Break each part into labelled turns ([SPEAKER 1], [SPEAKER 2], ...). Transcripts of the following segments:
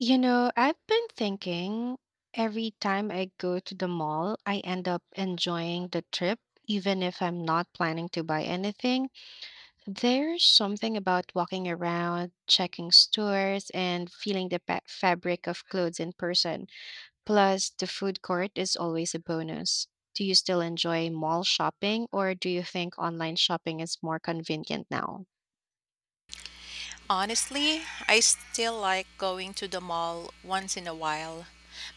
[SPEAKER 1] You know, I've been thinking every time I go to the mall, I end up enjoying the trip, even if I'm not planning to buy anything. There's something about walking around, checking stores, and feeling the fabric of clothes in person. Plus, the food court is always a bonus. Do you still enjoy mall shopping, or do you think online shopping is more convenient now?
[SPEAKER 2] Honestly, I still like going to the mall once in a while,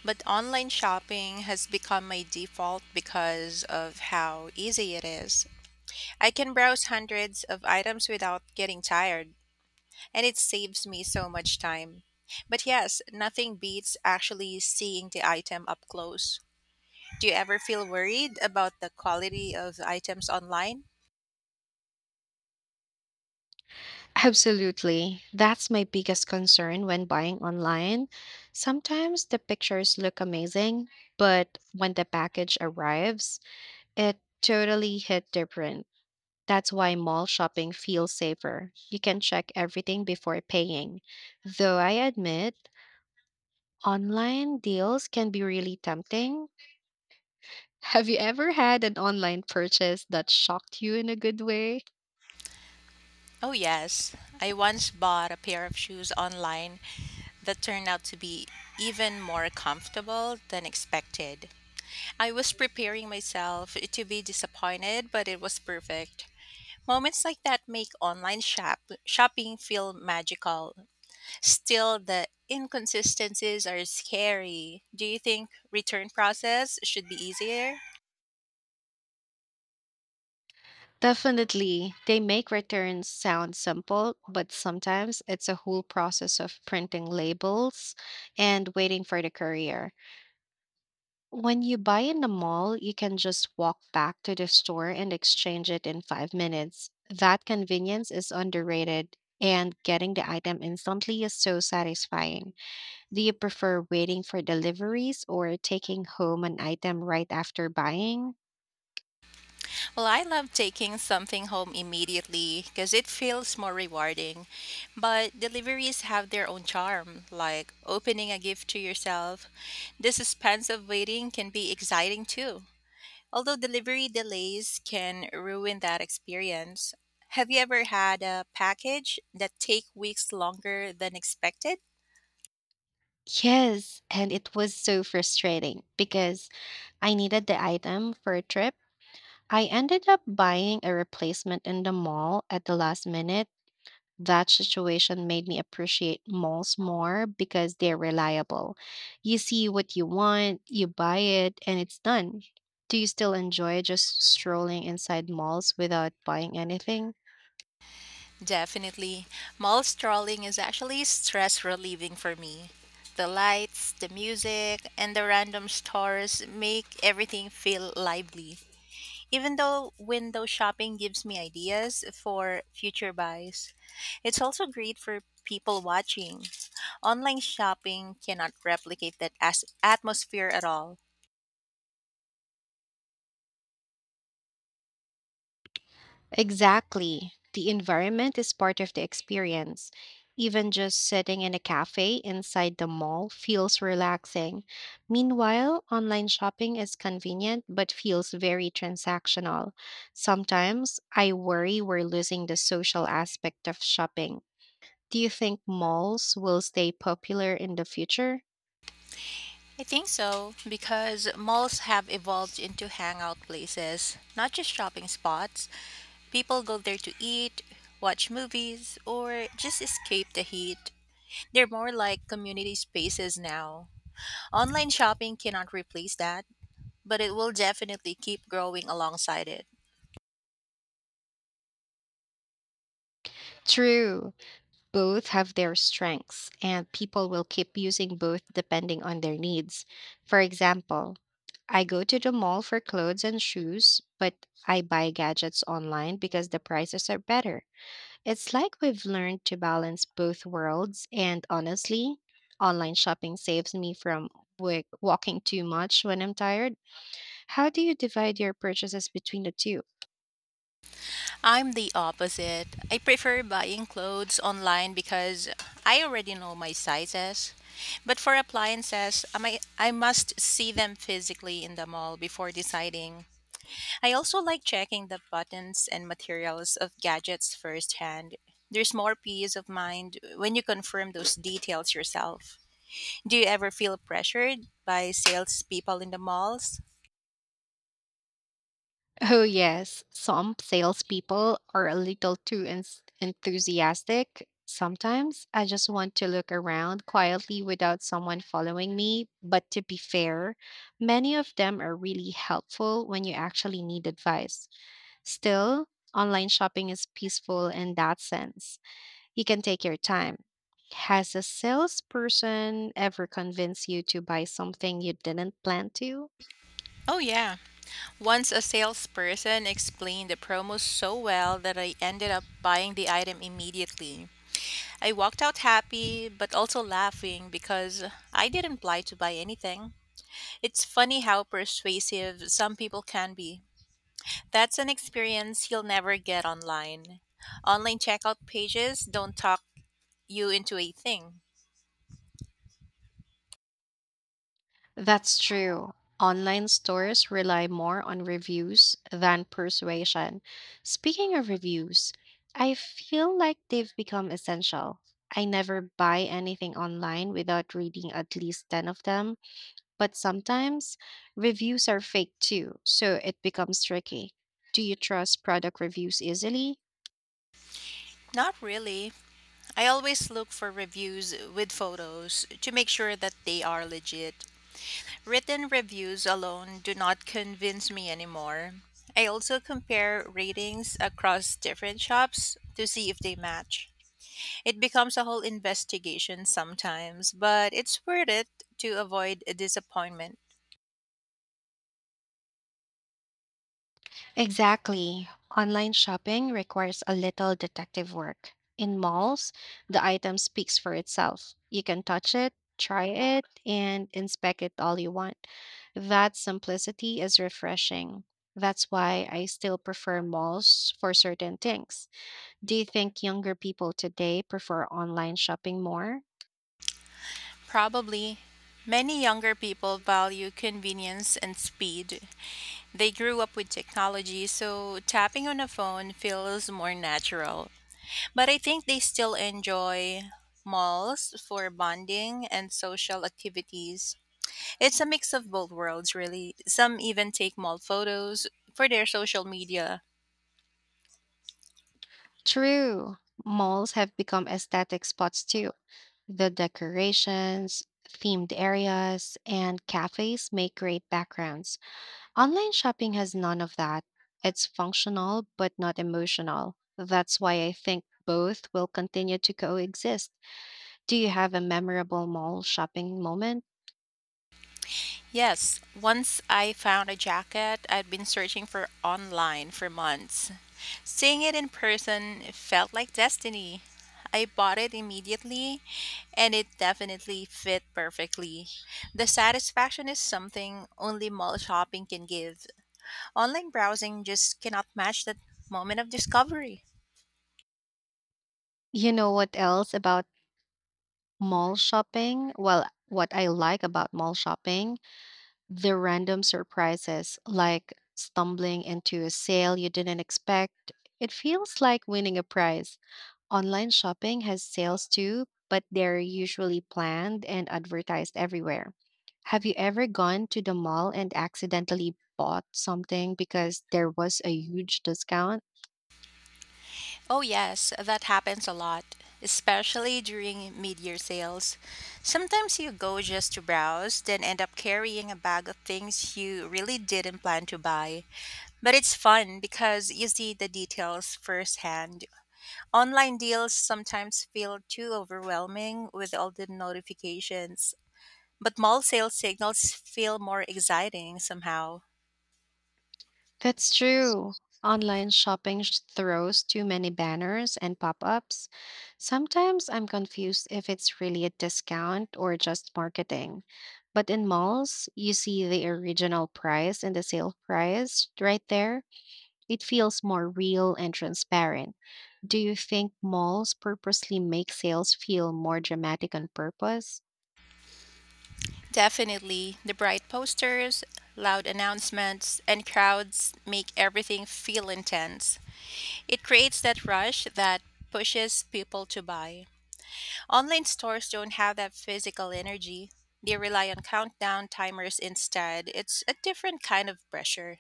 [SPEAKER 2] but online shopping has become my default because of how easy it is. I can browse hundreds of items without getting tired, and it saves me so much time. But yes, nothing beats actually seeing the item up close. Do you ever feel worried about the quality of items online?
[SPEAKER 1] Absolutely. That's my biggest concern when buying online. Sometimes the pictures look amazing, but when the package arrives, it totally hit different. That's why mall shopping feels safer. You can check everything before paying. Though I admit, online deals can be really tempting. Have you ever had an online purchase that shocked you in a good way?
[SPEAKER 2] Oh, yes. I once bought a pair of shoes online that turned out to be even more comfortable than expected. I was preparing myself to be disappointed, but it was perfect. Moments like that make online shopping feel magical. Still, the inconsistencies are scary. Do you think return process should be easier?
[SPEAKER 1] Definitely, they make returns sound simple, but sometimes it's a whole process of printing labels and waiting for the courier. When you buy in the mall, you can just walk back to the store and exchange it in 5 minutes. That convenience is underrated, and getting the item instantly is so satisfying. Do you prefer waiting for deliveries or taking home an item right after buying?
[SPEAKER 2] Well, I love taking something home immediately because it feels more rewarding. But deliveries have their own charm, like opening a gift to yourself. The suspense of waiting can be exciting too. Although delivery delays can ruin that experience. Have you ever had a package that take weeks longer than expected?
[SPEAKER 1] Yes, and it was so frustrating because I needed the item for a trip. I ended up buying a replacement in the mall at the last minute. That situation made me appreciate malls more because they're reliable. You see what you want, you buy it, and it's done. Do you still enjoy just strolling inside malls without buying anything?
[SPEAKER 2] Definitely. Mall strolling is actually stress relieving for me. The lights, the music, and the random stores make everything feel lively. Even though window shopping gives me ideas for future buys, it's also great for people watching. Online shopping cannot replicate that atmosphere at all.
[SPEAKER 1] Exactly. The environment is part of the experience. Even just sitting in a cafe inside the mall feels relaxing. Meanwhile, online shopping is convenient but feels very transactional. Sometimes I worry we're losing the social aspect of shopping. Do you think malls will stay popular in the future?
[SPEAKER 2] I think so, because malls have evolved into hangout places, not just shopping spots. People go there to eat, watch movies, or just escape the heat. They're more like community spaces now. Online shopping cannot replace that, but it will definitely keep growing alongside it.
[SPEAKER 1] True. Both have their strengths, and people will keep using both depending on their needs. For example, I go to the mall for clothes and shoes, but I buy gadgets online because the prices are better. It's like we've learned to balance both worlds, and honestly, online shopping saves me from walking too much when I'm tired. How do you divide your purchases between the two?
[SPEAKER 2] I'm the opposite. I prefer buying clothes online because I already know my sizes. But for appliances, I must see them physically in the mall before deciding. I also like checking the buttons and materials of gadgets firsthand. There's more peace of mind when you confirm those details yourself. Do you ever feel pressured by salespeople in the malls?
[SPEAKER 1] Oh, yes. Some salespeople are a little too enthusiastic. Sometimes I just want to look around quietly without someone following me. But to be fair, many of them are really helpful when you actually need advice. Still, online shopping is peaceful in that sense. You can take your time. Has a salesperson ever convinced you to buy something you didn't plan to?
[SPEAKER 2] Oh, yeah. Once a salesperson explained the promo so well that I ended up buying the item immediately. I walked out happy, but also laughing because I didn't apply to buy anything. It's funny how persuasive some people can be. That's an experience you'll never get online. Online checkout pages don't talk you into a thing.
[SPEAKER 1] That's true. Online stores rely more on reviews than persuasion. Speaking of reviews, I feel like they've become essential. I never buy anything online without reading at least 10 of them, but sometimes reviews are fake too, so it becomes tricky. Do you trust product reviews easily?
[SPEAKER 2] Not really. I always look for reviews with photos to make sure that they are legit. Written reviews alone do not convince me anymore. I also compare ratings across different shops to see if they match. It becomes a whole investigation sometimes, but it's worth it to avoid a disappointment.
[SPEAKER 1] Exactly. Online shopping requires a little detective work. In malls, the item speaks for itself. You can touch it, try it, and inspect it all you want. That simplicity is refreshing. That's why I still prefer malls for certain things. Do you think younger people today prefer online shopping more?
[SPEAKER 2] Probably many younger people value convenience and speed. They grew up with technology, so tapping on a phone feels more natural. But I think they still enjoy malls for bonding and social activities. It's a mix of both worlds, really. Some even take mall photos for their social media.
[SPEAKER 1] True. Malls have become aesthetic spots too. The decorations, themed areas, and cafes make great backgrounds. Online shopping has none of that. It's functional but not emotional. That's why I think both will continue to coexist. Do you have a memorable mall shopping moment?
[SPEAKER 2] Yes, once I found a jacket I'd been searching for online for months. Seeing it in person felt like destiny. I bought it immediately and it definitely fit perfectly. The satisfaction is something only mall shopping can give. Online browsing just cannot match that moment of discovery.
[SPEAKER 1] You know what else about mall shopping? Well, what I like about mall shopping, the random surprises, like stumbling into a sale you didn't expect. It feels like winning a prize. Online shopping has sales too, but they're usually planned and advertised everywhere. Have you ever gone to the mall and accidentally bought something because there was a huge discount?
[SPEAKER 2] Oh, yes, that happens a lot, especially during mid year sales. Sometimes you go just to browse, then end up carrying a bag of things you really didn't plan to buy. But it's fun because you see the details firsthand. Online deals sometimes feel too overwhelming with all the notifications, but mall sale signals feel more exciting somehow.
[SPEAKER 1] That's true. Online shopping throws too many banners and pop ups. Sometimes I'm confused if it's really a discount or just marketing. But in malls, you see the original price and the sale price right there. It feels more real and transparent. Do you think malls purposely make sales feel more dramatic on purpose?
[SPEAKER 2] Definitely, the bright posters, loud announcements, and crowds make everything feel intense. It creates that rush that pushes people to buy. Online stores don't have that physical energy. They rely on countdown timers instead. It's a different kind of pressure.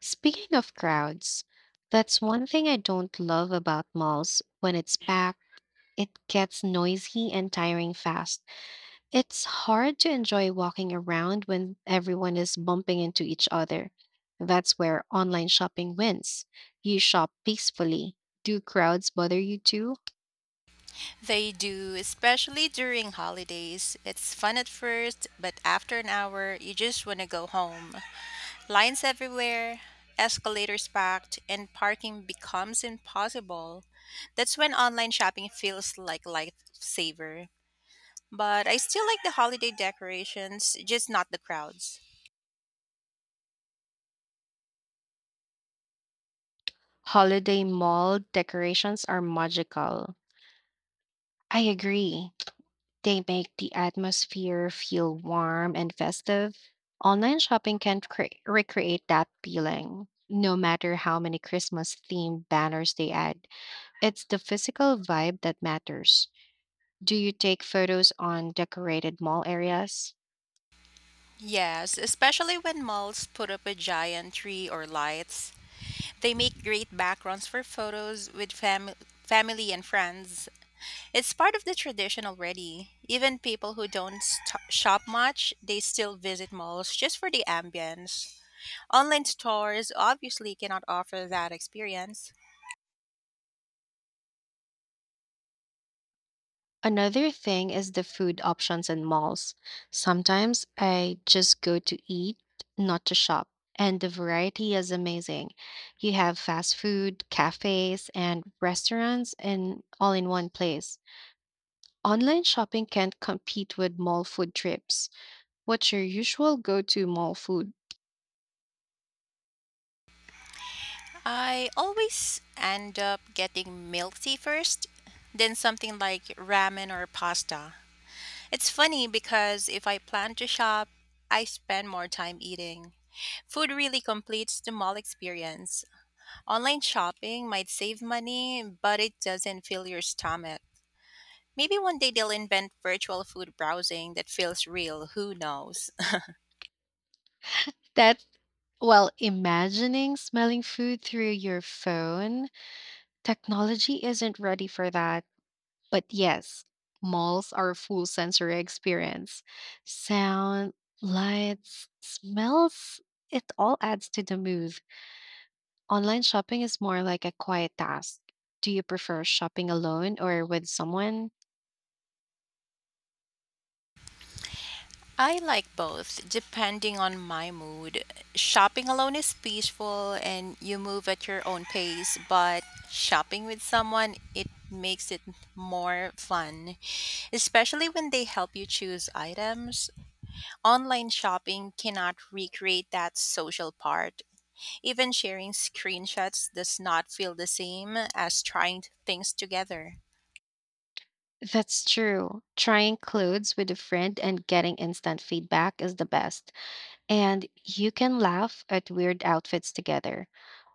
[SPEAKER 1] Speaking of crowds, that's one thing I don't love about malls. When it's packed, it gets noisy and tiring fast. It's hard to enjoy walking around when everyone is bumping into each other. That's where online shopping wins. You shop peacefully. Do crowds bother you too?
[SPEAKER 2] They do, especially during holidays. It's fun at first, but after an hour, you just want to go home. Lines everywhere, escalators packed, and parking becomes impossible. That's when online shopping feels like lifesaver. But I still like the holiday decorations, just not the crowds.
[SPEAKER 1] Holiday mall decorations are magical. I agree. They make the atmosphere feel warm and festive. Online shopping can recreate that feeling, no matter how many Christmas themed banners they add. It's the physical vibe that matters. Do you take photos on decorated mall areas?
[SPEAKER 2] Yes, especially when malls put up a giant tree or lights. They make great backgrounds for photos with family and friends. It's part of the tradition already. Even people who don't shop much, they still visit malls just for the ambience. Online stores obviously cannot offer that experience.
[SPEAKER 1] Another thing is the food options in malls. Sometimes I just go to eat, not to shop, and the variety is amazing. You have fast food, cafes, and restaurants in all in one place. Online shopping can't compete with mall food trips. What's your usual go-to mall food?
[SPEAKER 2] I always end up getting milk tea first, then something like ramen or pasta. It's funny because if I plan to shop, I spend more time eating. Food really completes the mall experience. Online shopping might save money, but it doesn't fill your stomach. Maybe one day they'll invent virtual food browsing that feels real, who knows?
[SPEAKER 1] That well, imagining smelling food through your phone, technology isn't ready for that. But yes, malls are a full sensory experience. Sound, lights, smells, it all adds to the mood. Online shopping is more like a quiet task. Do you prefer shopping alone or with someone?
[SPEAKER 2] I like both, depending on my mood. Shopping alone is peaceful and you move at your own pace, but shopping with someone, it makes it more fun, especially when they help you choose items. Online shopping cannot recreate that social part. Even sharing screenshots does not feel the same as trying things together.
[SPEAKER 1] That's true. Trying clothes with a friend and getting instant feedback is the best. And you can laugh at weird outfits together.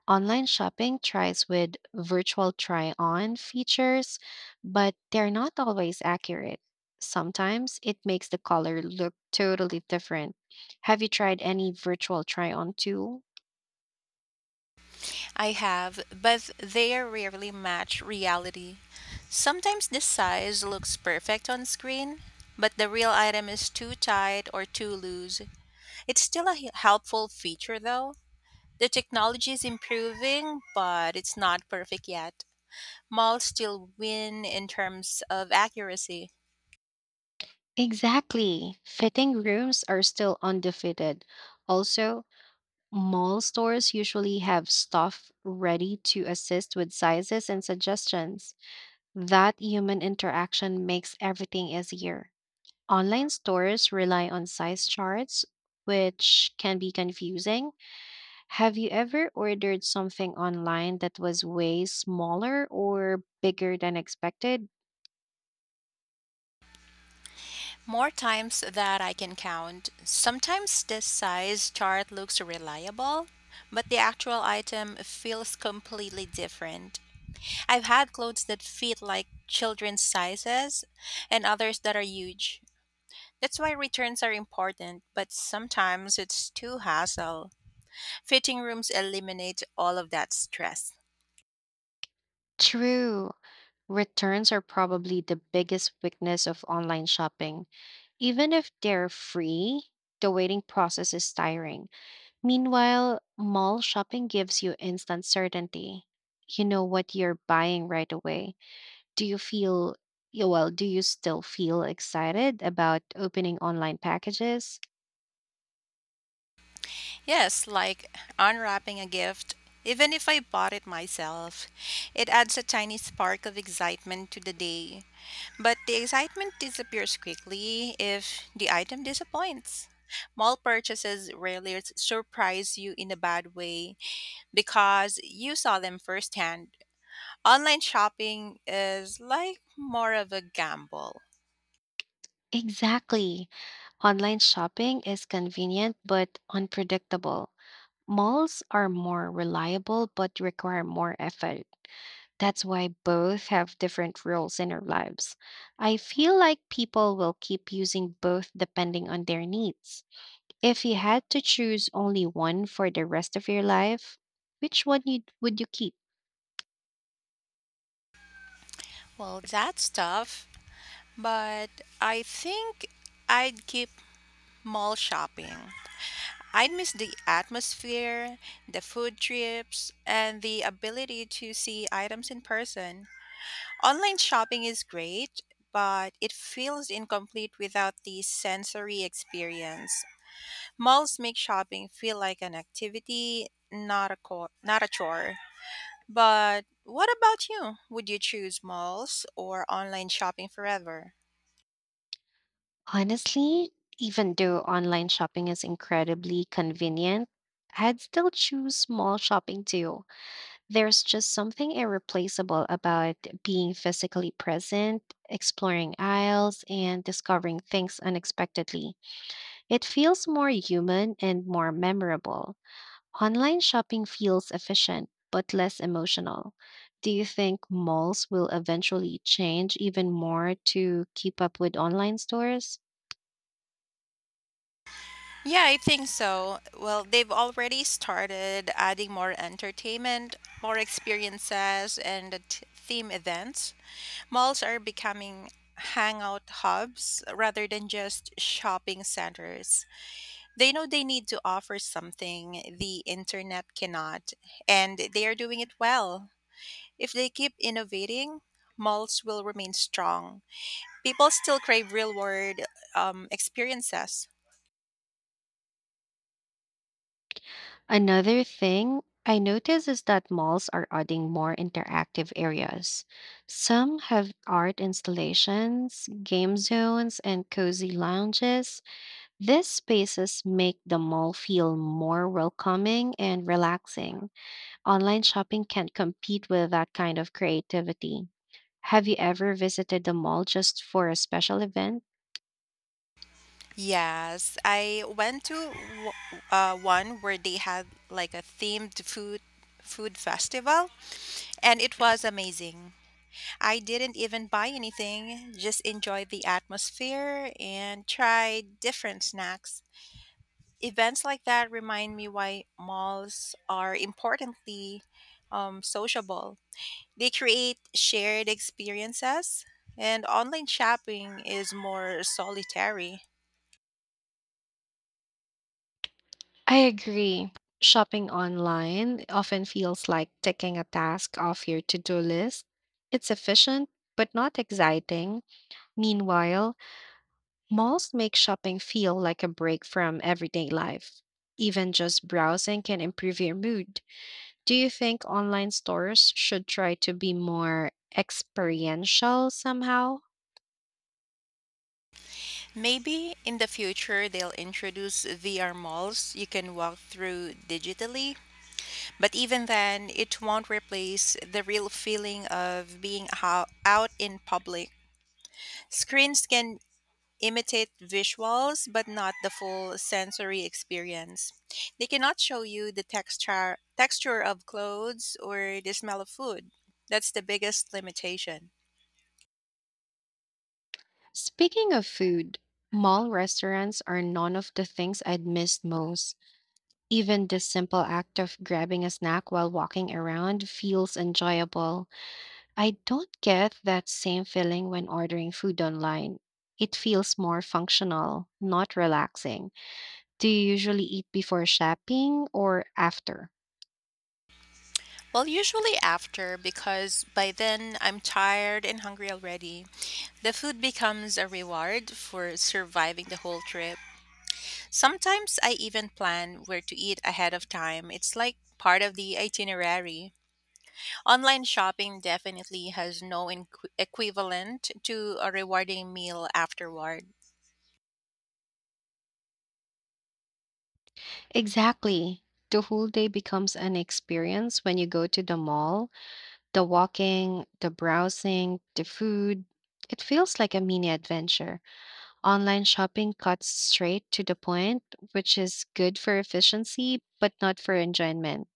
[SPEAKER 1] Online shopping tries with virtual try on features, but they're not always accurate. Sometimes it makes the color look totally different. Have you tried any virtual try on tool?
[SPEAKER 2] I have, but they rarely match reality. Sometimes the size looks perfect on screen, but the real item is too tight or too loose. It's still a helpful feature though. The technology is improving, but it's not perfect yet. Malls still win in terms of accuracy.
[SPEAKER 1] Exactly. Fitting rooms are still undefeated. Also, mall stores usually have staff ready to assist with sizes and suggestions. That human interaction makes everything easier. Online stores rely on size charts, which can be confusing. Have you ever ordered something online that was way smaller or bigger than expected?
[SPEAKER 2] More times that I can count. Sometimes the size chart looks reliable, but the actual item feels completely different. I've had clothes that fit like children's sizes and others that are huge. That's why returns are important, but sometimes it's too hassle. Fitting rooms eliminate all of that stress.
[SPEAKER 1] True. Returns are probably the biggest weakness of online shopping. Even if they're free, the waiting process is tiring. Meanwhile, mall shopping gives you instant certainty. You know what you're buying right away. Do you feel yeah, well, do you still feel excited about opening online packages?
[SPEAKER 2] Yes, like unwrapping a gift. Even if I bought it myself, it adds a tiny spark of excitement to the day. But the excitement disappears quickly if the item disappoints. Mall purchases rarely surprise you in a bad way because you saw them firsthand. Online shopping is like more of a gamble.
[SPEAKER 1] Exactly. Online shopping is convenient but unpredictable. Malls are more reliable but require more effort. That's why both have different roles in our lives. I feel like people will keep using both depending on their needs. If you had to choose only one for the rest of your life, which one would you keep?
[SPEAKER 2] Well, that's tough. But I think I'd keep mall shopping. I'd miss the atmosphere, the food trips, and the ability to see items in person. Online shopping is great, but it feels incomplete without the sensory experience. Malls make shopping feel like an activity, not a chore. But what about you? Would you choose malls or online shopping forever?
[SPEAKER 1] Honestly, even though online shopping is incredibly convenient, I'd still choose small shopping too. There's just something irreplaceable about being physically present, exploring aisles, and discovering things unexpectedly. It feels more human and more memorable. Online shopping feels efficient, but less emotional. Do you think malls will eventually change even more to keep up with online stores?
[SPEAKER 2] Yeah, I think so. Well, they've already started adding more entertainment, more experiences, and the theme events. Malls are becoming hangout hubs rather than just shopping centers. They know they need to offer something the internet cannot, and they are doing it well. If they keep innovating, malls will remain strong. People still crave real world experiences.
[SPEAKER 1] Another thing I notice is that malls are adding more interactive areas. Some have art installations, game zones, and cozy lounges. These spaces make the mall feel more welcoming and relaxing. Online shopping can't compete with that kind of creativity. Have you ever visited the mall just for a special event?
[SPEAKER 2] Yes, I went to w- one where they had like a themed food festival, and it was amazing. I didn't even buy anything, just enjoyed the atmosphere and tried different snacks. Events like that remind me why malls are importantly sociable. They create shared experiences, and online shopping is more solitary.
[SPEAKER 1] I agree. Shopping online often feels like ticking a task off your to do list. It's efficient, but not exciting. Meanwhile, malls make shopping feel like a break from everyday life. Even just browsing can improve your mood. Do you think online stores should try to be more experiential somehow?
[SPEAKER 2] Maybe in the future they'll introduce VR malls you can walk through digitally. But even then, it won't replace the real feeling of being out in public. Screens can imitate visuals, but not the full sensory experience. They cannot show you the texture of clothes or the smell of food. That's the biggest limitation.
[SPEAKER 1] Speaking of food, mall restaurants are none of the things I'd miss most. Even the simple act of grabbing a snack while walking around feels enjoyable. I don't get that same feeling when ordering food online. It feels more functional, not relaxing. Do you usually eat before shopping or after?
[SPEAKER 2] Well, usually after, because by then I'm tired and hungry already. The food becomes a reward for surviving the whole trip. Sometimes I even plan where to eat ahead of time. It's like part of the itinerary. Online shopping definitely has no equivalent to a rewarding meal afterward.
[SPEAKER 1] Exactly. The whole day becomes an experience when you go to the mall. The walking, the browsing, the food. It feels like a mini adventure. Online shopping cuts straight to the point, which is good for efficiency, but not for enjoyment.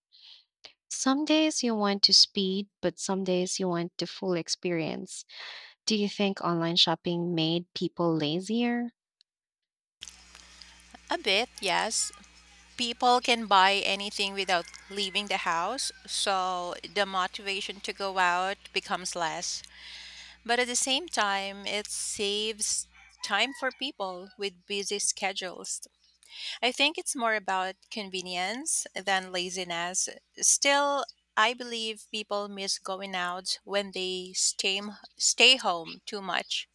[SPEAKER 1] Some days you want to speed, but some days you want the full experience. Do you think online shopping made people lazier?
[SPEAKER 2] A bit, yes, people can buy anything without leaving the house, so the motivation to go out becomes less. But at the same time, it saves time for people with busy schedules. I think it's more about convenience than laziness. Still, I believe people miss going out when they stay home too much.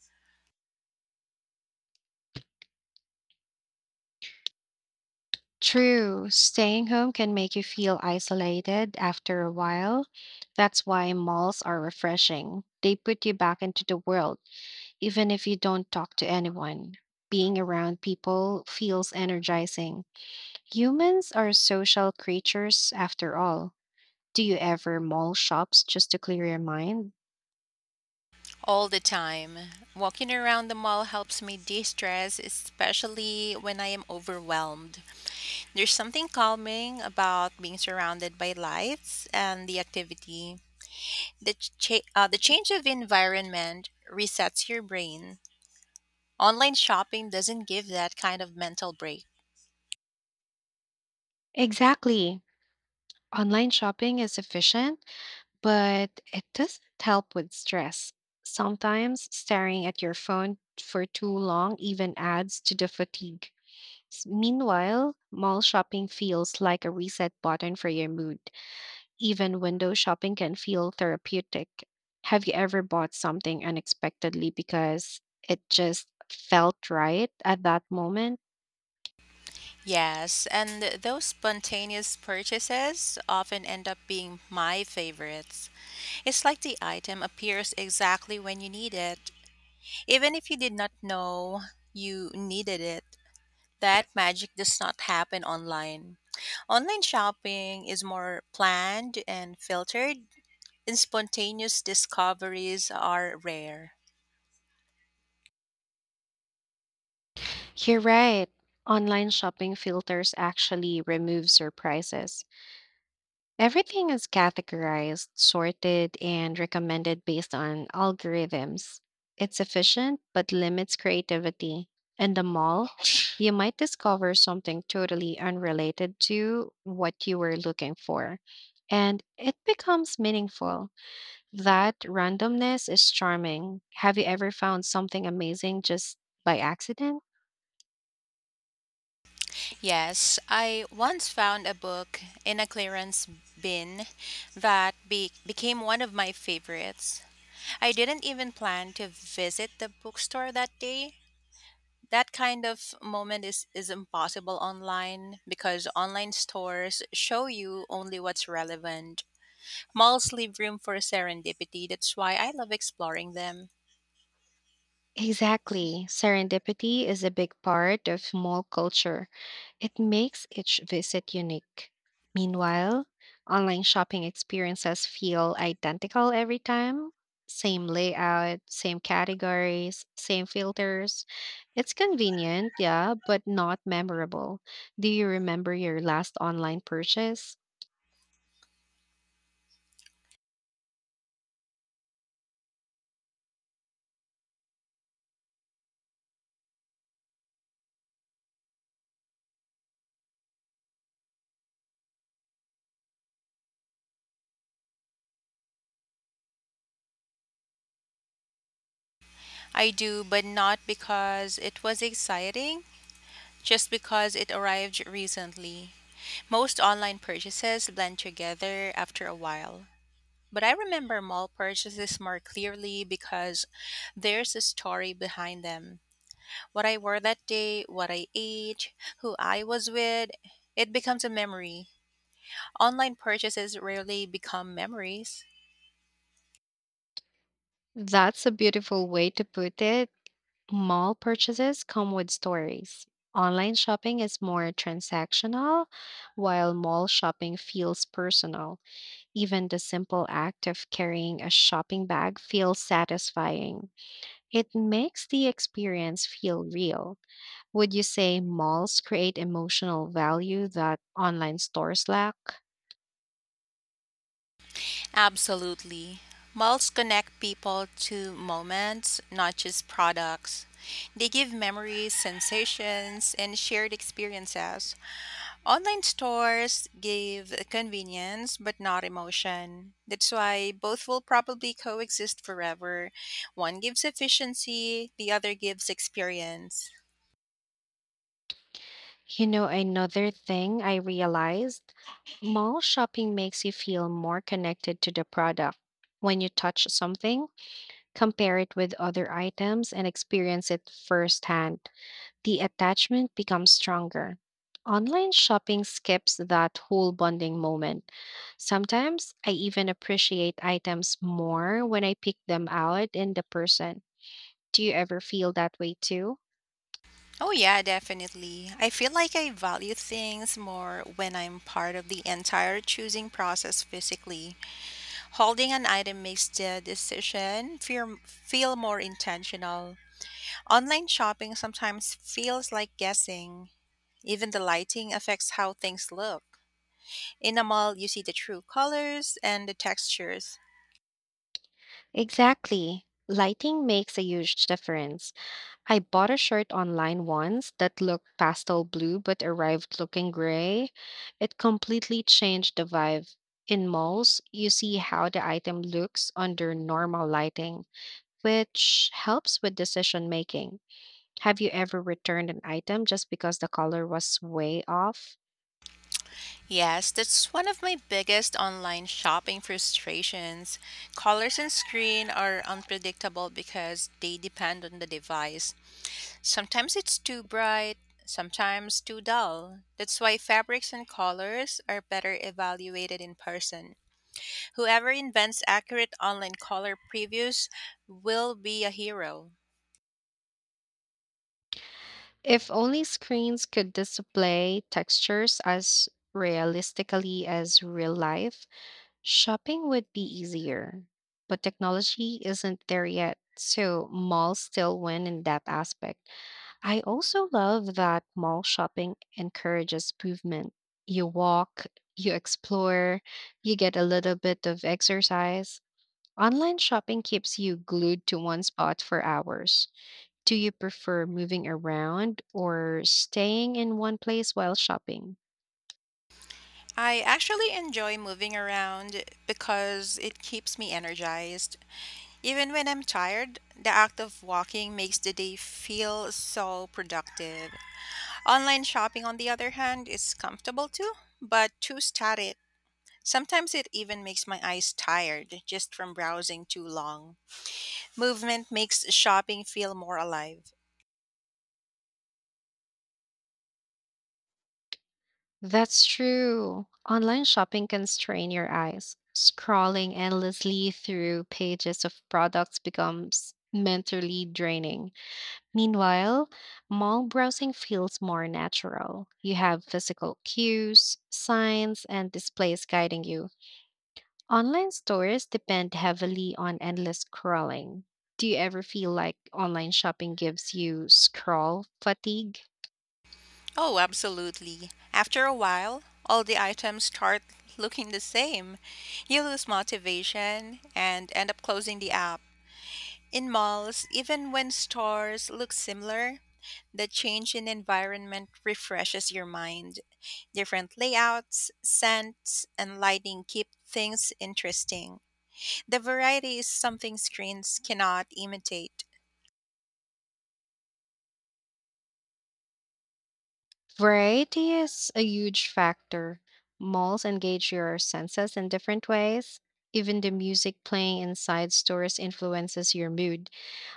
[SPEAKER 1] True, staying home can make you feel isolated after a while. That's why malls are refreshing. They put you back into the world, even if you don't talk to anyone. Being around people feels energizing. Humans are social creatures after all. Do you ever mall shops just to clear your mind?
[SPEAKER 2] All the time. Walking around the mall helps me de stress, especially when I am overwhelmed. There's something calming about being surrounded by lights and the activity. The change of environment resets your brain. Online shopping doesn't give that kind of mental break.
[SPEAKER 1] Exactly. Online shopping is efficient, but it doesn't help with stress. Sometimes staring at your phone for too long even adds to the fatigue. Meanwhile, mall shopping feels like a reset button for your mood. Even window shopping can feel therapeutic. Have you ever bought something unexpectedly because it just felt right at that moment?
[SPEAKER 2] Yes, and those spontaneous purchases often end up being my favorites. It's like the item appears exactly when you need it. Even if you did not know you needed it, that magic does not happen online. Online shopping is more planned and filtered, and spontaneous discoveries are rare.
[SPEAKER 1] You're right. Online shopping filters actually remove surprises. Everything is categorized, sorted, and recommended based on algorithms. It's efficient, but limits creativity. In the mall, you might discover something totally unrelated to what you were looking for, and it becomes meaningful. That randomness is charming. Have you ever found something amazing just by accident?
[SPEAKER 2] Yes, I once found a book in a clearance bin that became one of my favorites. I didn't even plan to visit the bookstore that day, that kind of moment is impossible online because online stores show you only what's relevant. Malls leave room for serendipity. That's why I love exploring them.
[SPEAKER 1] Exactly. Serendipity is a big part of mall culture. It makes each visit unique. Meanwhile, online shopping experiences feel identical every time, same layout, same categories, same filters. It's convenient, yeah, but not memorable. Do you remember your last online purchase?
[SPEAKER 2] I do, but not because it was exciting, just because it arrived recently. Most online purchases blend together after a while. But I remember mall purchases more clearly because there's a story behind them. What I wore that day, what I ate, who I was with, it becomes a memory. Online purchases rarely become memories.
[SPEAKER 1] That's a beautiful way to put it. Mall purchases come with stories. Online shopping is more transactional, while mall shopping feels personal. Even the simple act of carrying a shopping bag feels satisfying. It makes the experience feel real. Would you say malls create emotional value that online stores lack?
[SPEAKER 2] Absolutely. Malls connect people to moments, not just products. They give memories, sensations, and shared experiences. Online stores give convenience but not emotion. That's why both will probably coexist forever. One gives efficiency, the other gives experience.
[SPEAKER 1] You know, another thing I realized, mall shopping makes you feel more connected to the product. When you touch something, compare it with other items and experience it firsthand, the attachment becomes stronger. Online shopping skips that whole bonding moment. Sometimes I even appreciate items more when I pick them out in the person. Do you ever feel that way too?
[SPEAKER 2] Oh, yeah, definitely. I feel like I value things more when I'm part of the entire choosing process physically. Holding an item makes the decision feel more intentional. Online shopping sometimes feels like guessing. Even the lighting affects how things look. In a mall, you see the true colors and the textures.
[SPEAKER 1] Exactly. Lighting makes a huge difference. I bought a shirt online once that looked pastel blue but arrived looking gray. It completely changed the vibe. In malls, you see how the item looks under normal lighting, which helps with decision making. Have you ever returned an item just because the color was way off?
[SPEAKER 2] Yes, that's one of my biggest online shopping frustrations. Colors and screen are unpredictable because they depend on the device. Sometimes it's too bright, sometimes too dull. That's why fabrics and colors are better evaluated in person. Whoever invents accurate online color previews will be a hero.
[SPEAKER 1] If only screens could display textures as realistically as real life, shopping would be easier. But technology isn't there yet, so malls still win in that aspect. I also love that mall shopping encourages movement. You walk, you explore, you get a little bit of exercise. Online shopping keeps you glued to one spot for hours. Do you prefer moving around or staying in one place while shopping?
[SPEAKER 2] I actually enjoy moving around because it keeps me energized. Even when I'm tired, the act of walking makes the day feel so productive. Online shopping, on the other hand, is comfortable too, but too static. Sometimes it even makes my eyes tired just from browsing too long. Movement makes shopping feel more alive.
[SPEAKER 1] That's true. Online shopping can strain your eyes. Scrolling endlessly through pages of products becomes mentally draining. Meanwhile, mall browsing feels more natural. You have physical cues, signs, and displays guiding you. Online stores depend heavily on endless scrolling. Do you ever feel like online shopping gives you scroll fatigue?
[SPEAKER 2] Oh, absolutely. After a while, all the items start looking the same. You lose motivation and end up closing the app. In malls, even when stores look similar, the change in environment refreshes your mind. Different layouts, scents, and lighting keep things interesting. The variety is something screens cannot imitate.
[SPEAKER 1] Variety is a huge factor. Malls engage your senses in different ways. Even the music playing inside stores influences your mood.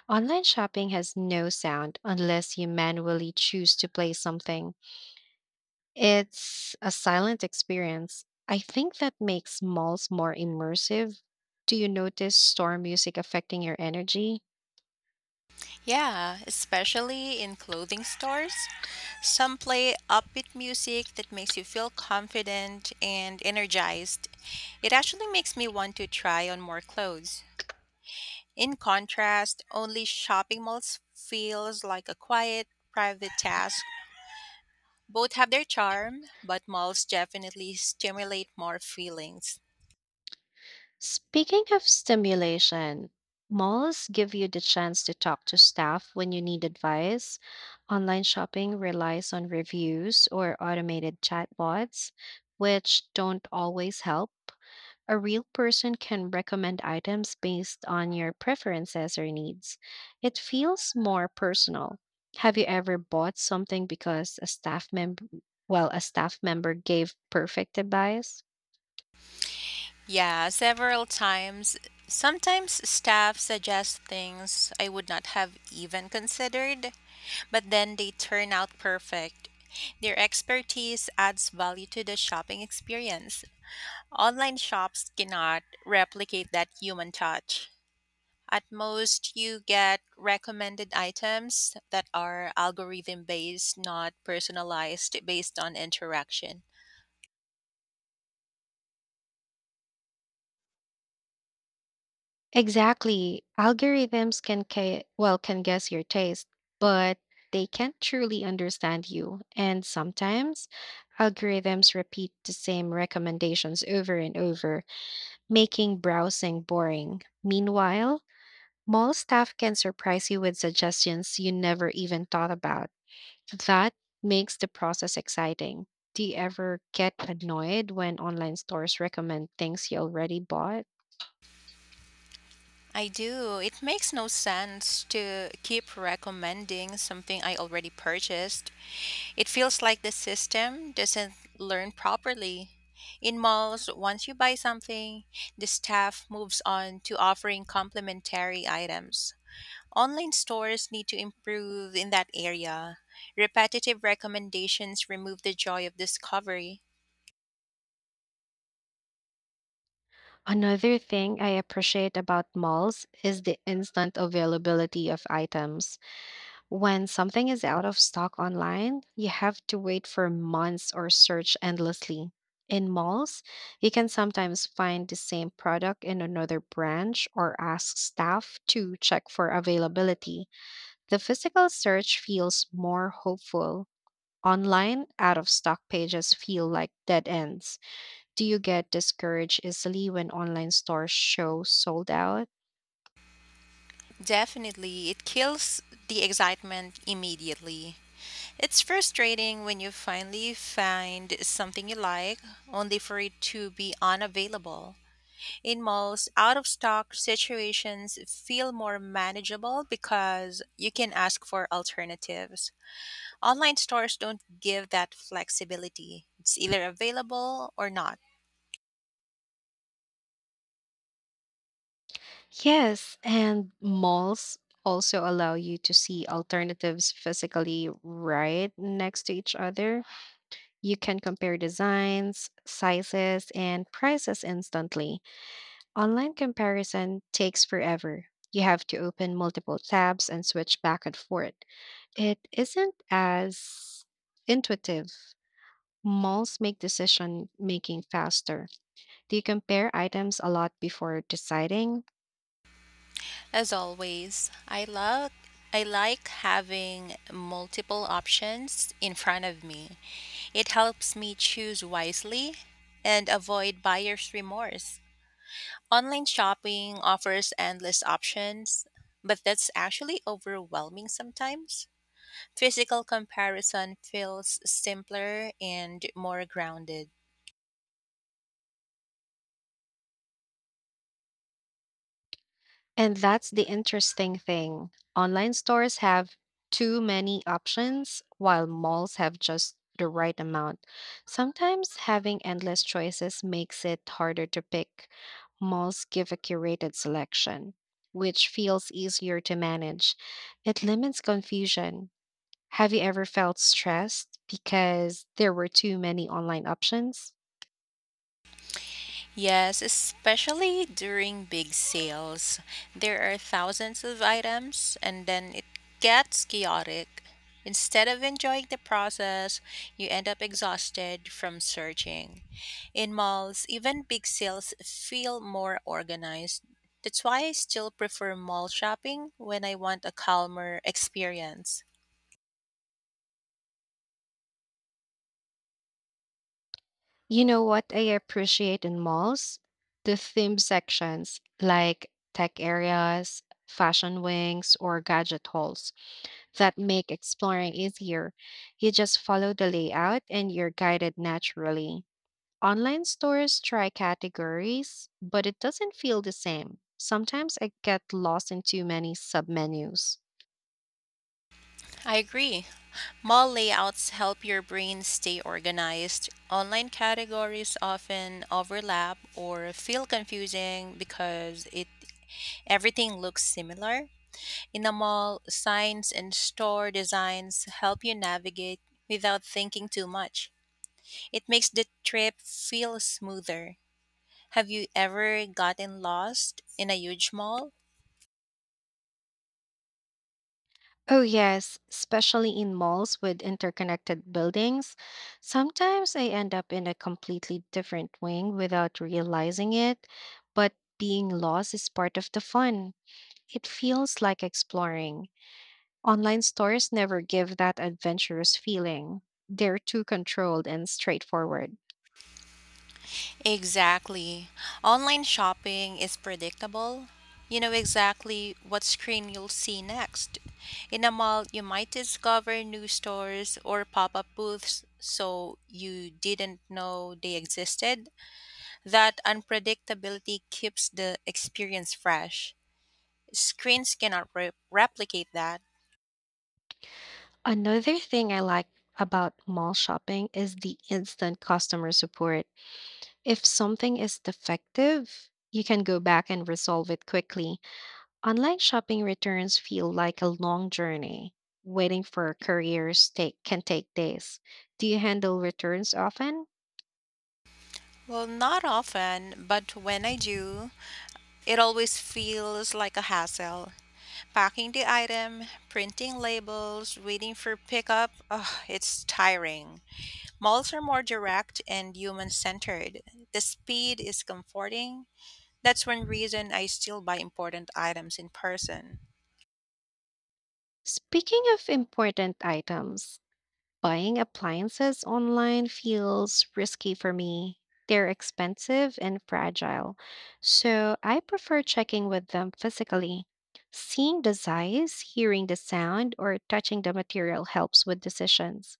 [SPEAKER 1] Online shopping has no sound unless you manually choose to play something. It's a silent experience. I think that makes malls more immersive. Do you notice store music affecting your energy?
[SPEAKER 2] Yeah, especially in clothing stores. Some play upbeat music that makes you feel confident and energized. It actually makes me want to try on more clothes. In contrast, only shopping malls feels like a quiet, private task. Both have their charm, but malls definitely stimulate more feelings.
[SPEAKER 1] Speaking of stimulation, malls give you the chance to talk to staff when you need advice. Online shopping relies on reviews or automated chatbots, which don't always help. A real person can recommend items based on your preferences or needs. It feels more personal. Have you ever bought something because a staff member gave perfect advice?
[SPEAKER 2] Yeah, several times. Sometimes staff suggest things I would not have even considered, but then they turn out perfect. Their expertise adds value to the shopping experience. Online shops cannot replicate that human touch. At most, you get recommended items that are algorithm based, not personalized based on interaction.
[SPEAKER 1] Exactly. Algorithms can ca- well can guess your taste, but they can't truly understand you. And sometimes algorithms repeat the same recommendations over and over, making browsing boring. Meanwhile, mall staff can surprise you with suggestions you never even thought about. That makes the process exciting. Do you ever get annoyed when online stores recommend things you already bought?
[SPEAKER 2] I do. It makes no sense to keep recommending something I already purchased. It feels like the system doesn't learn properly. In malls, once you buy something, the staff moves on to offering complementary items. Online stores need to improve in that area. Repetitive recommendations remove the joy of discovery.
[SPEAKER 1] Another thing I appreciate about malls is the instant availability of items. When something is out of stock online, you have to wait for months or search endlessly. In malls, you can sometimes find the same product in another branch or ask staff to check for availability. The physical search feels more hopeful. Online, out of stock pages feel like dead ends. Do you get discouraged easily when online stores show sold out?
[SPEAKER 2] Definitely, it kills the excitement immediately. It's frustrating when you finally find something you like, only for it to be unavailable. In malls, out of stock situations feel more manageable because you can ask for alternatives. Online stores don't give that flexibility, it's either available or not.
[SPEAKER 1] Yes, and malls also allow you to see alternatives physically right next to each other. You can compare designs, sizes, and prices instantly. Online comparison takes forever. You have to open multiple tabs and switch back and forth. It isn't as intuitive. Malls make decision making faster. Do you compare items a lot before deciding?
[SPEAKER 2] As always, I like having multiple options in front of me. It helps me choose wisely and avoid buyer's remorse. Online shopping offers endless options, but that's actually overwhelming sometimes. Physical comparison feels simpler and more grounded.
[SPEAKER 1] And that's the interesting thing. Online stores have too many options, while malls have just the right amount. Sometimes having endless choices makes it harder to pick. Malls give a curated selection, which feels easier to manage. It limits confusion. Have you ever felt stressed because there were too many online options?
[SPEAKER 2] Yes, especially during big sales. There are thousands of items and then it gets chaotic. Instead of enjoying the process, you end up exhausted from searching. In malls, even big sales feel more organized. That's why I still prefer mall shopping when I want a calmer experience.
[SPEAKER 1] You know what I appreciate in malls? The theme sections, like tech areas, fashion wings, or gadget halls, that make exploring easier. You just follow the layout and you're guided naturally. Online stores try categories, but it doesn't feel the same. Sometimes I get lost in too many submenus.
[SPEAKER 2] I agree. Mall layouts help your brain stay organized. Online categories often overlap or feel confusing because it everything looks similar. In a mall, signs and store designs help you navigate without thinking too much. It makes the trip feel smoother. Have you ever gotten lost in a huge mall?
[SPEAKER 1] Oh, yes, especially in malls with interconnected buildings. Sometimes I end up in a completely different wing without realizing it, but being lost is part of the fun. It feels like exploring. Online stores never give that adventurous feeling, they're too controlled and straightforward.
[SPEAKER 2] Exactly. Online shopping is predictable. You know exactly what screen you'll see next. In a mall, you might discover new stores or pop up booths so you didn't know they existed. That unpredictability keeps the experience fresh. Screens cannot replicate that.
[SPEAKER 1] Another thing I like about mall shopping is the instant customer support. If something is defective, you can go back and resolve it quickly. Online shopping returns feel like a long journey. Waiting for couriers can take days. Do you handle returns often?
[SPEAKER 2] Well, not often, but when I do, it always feels like a hassle. Packing the item, printing labels, waiting for pickup, ugh, it's tiring. Malls are more direct and human centered. The speed is comforting. That's one reason I still buy important items in person.
[SPEAKER 1] Speaking of important items, buying appliances online feels risky for me. They're expensive and fragile, so I prefer checking with them physically. Seeing the size, hearing the sound, or touching the material helps with decisions.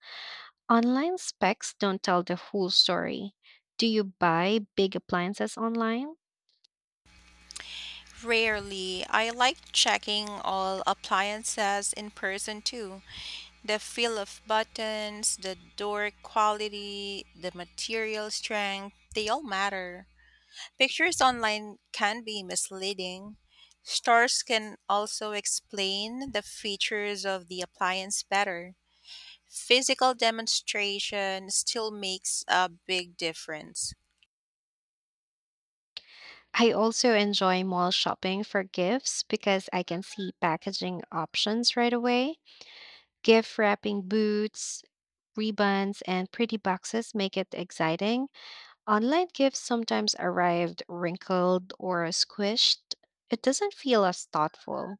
[SPEAKER 1] Online specs don't tell the full story. Do you buy big appliances online?
[SPEAKER 2] Rarely, I like checking all appliances in person too. The feel of buttons, the door quality, the material strength, they all matter. Pictures online can be misleading. Stores can also explain the features of the appliance better. Physical demonstration still makes a big difference.
[SPEAKER 1] I also enjoy mall shopping for gifts because I can see packaging options right away. Gift wrapping booths, ribbons, and pretty boxes make it exciting. Online gifts sometimes arrived wrinkled or squished. It doesn't feel as thoughtful.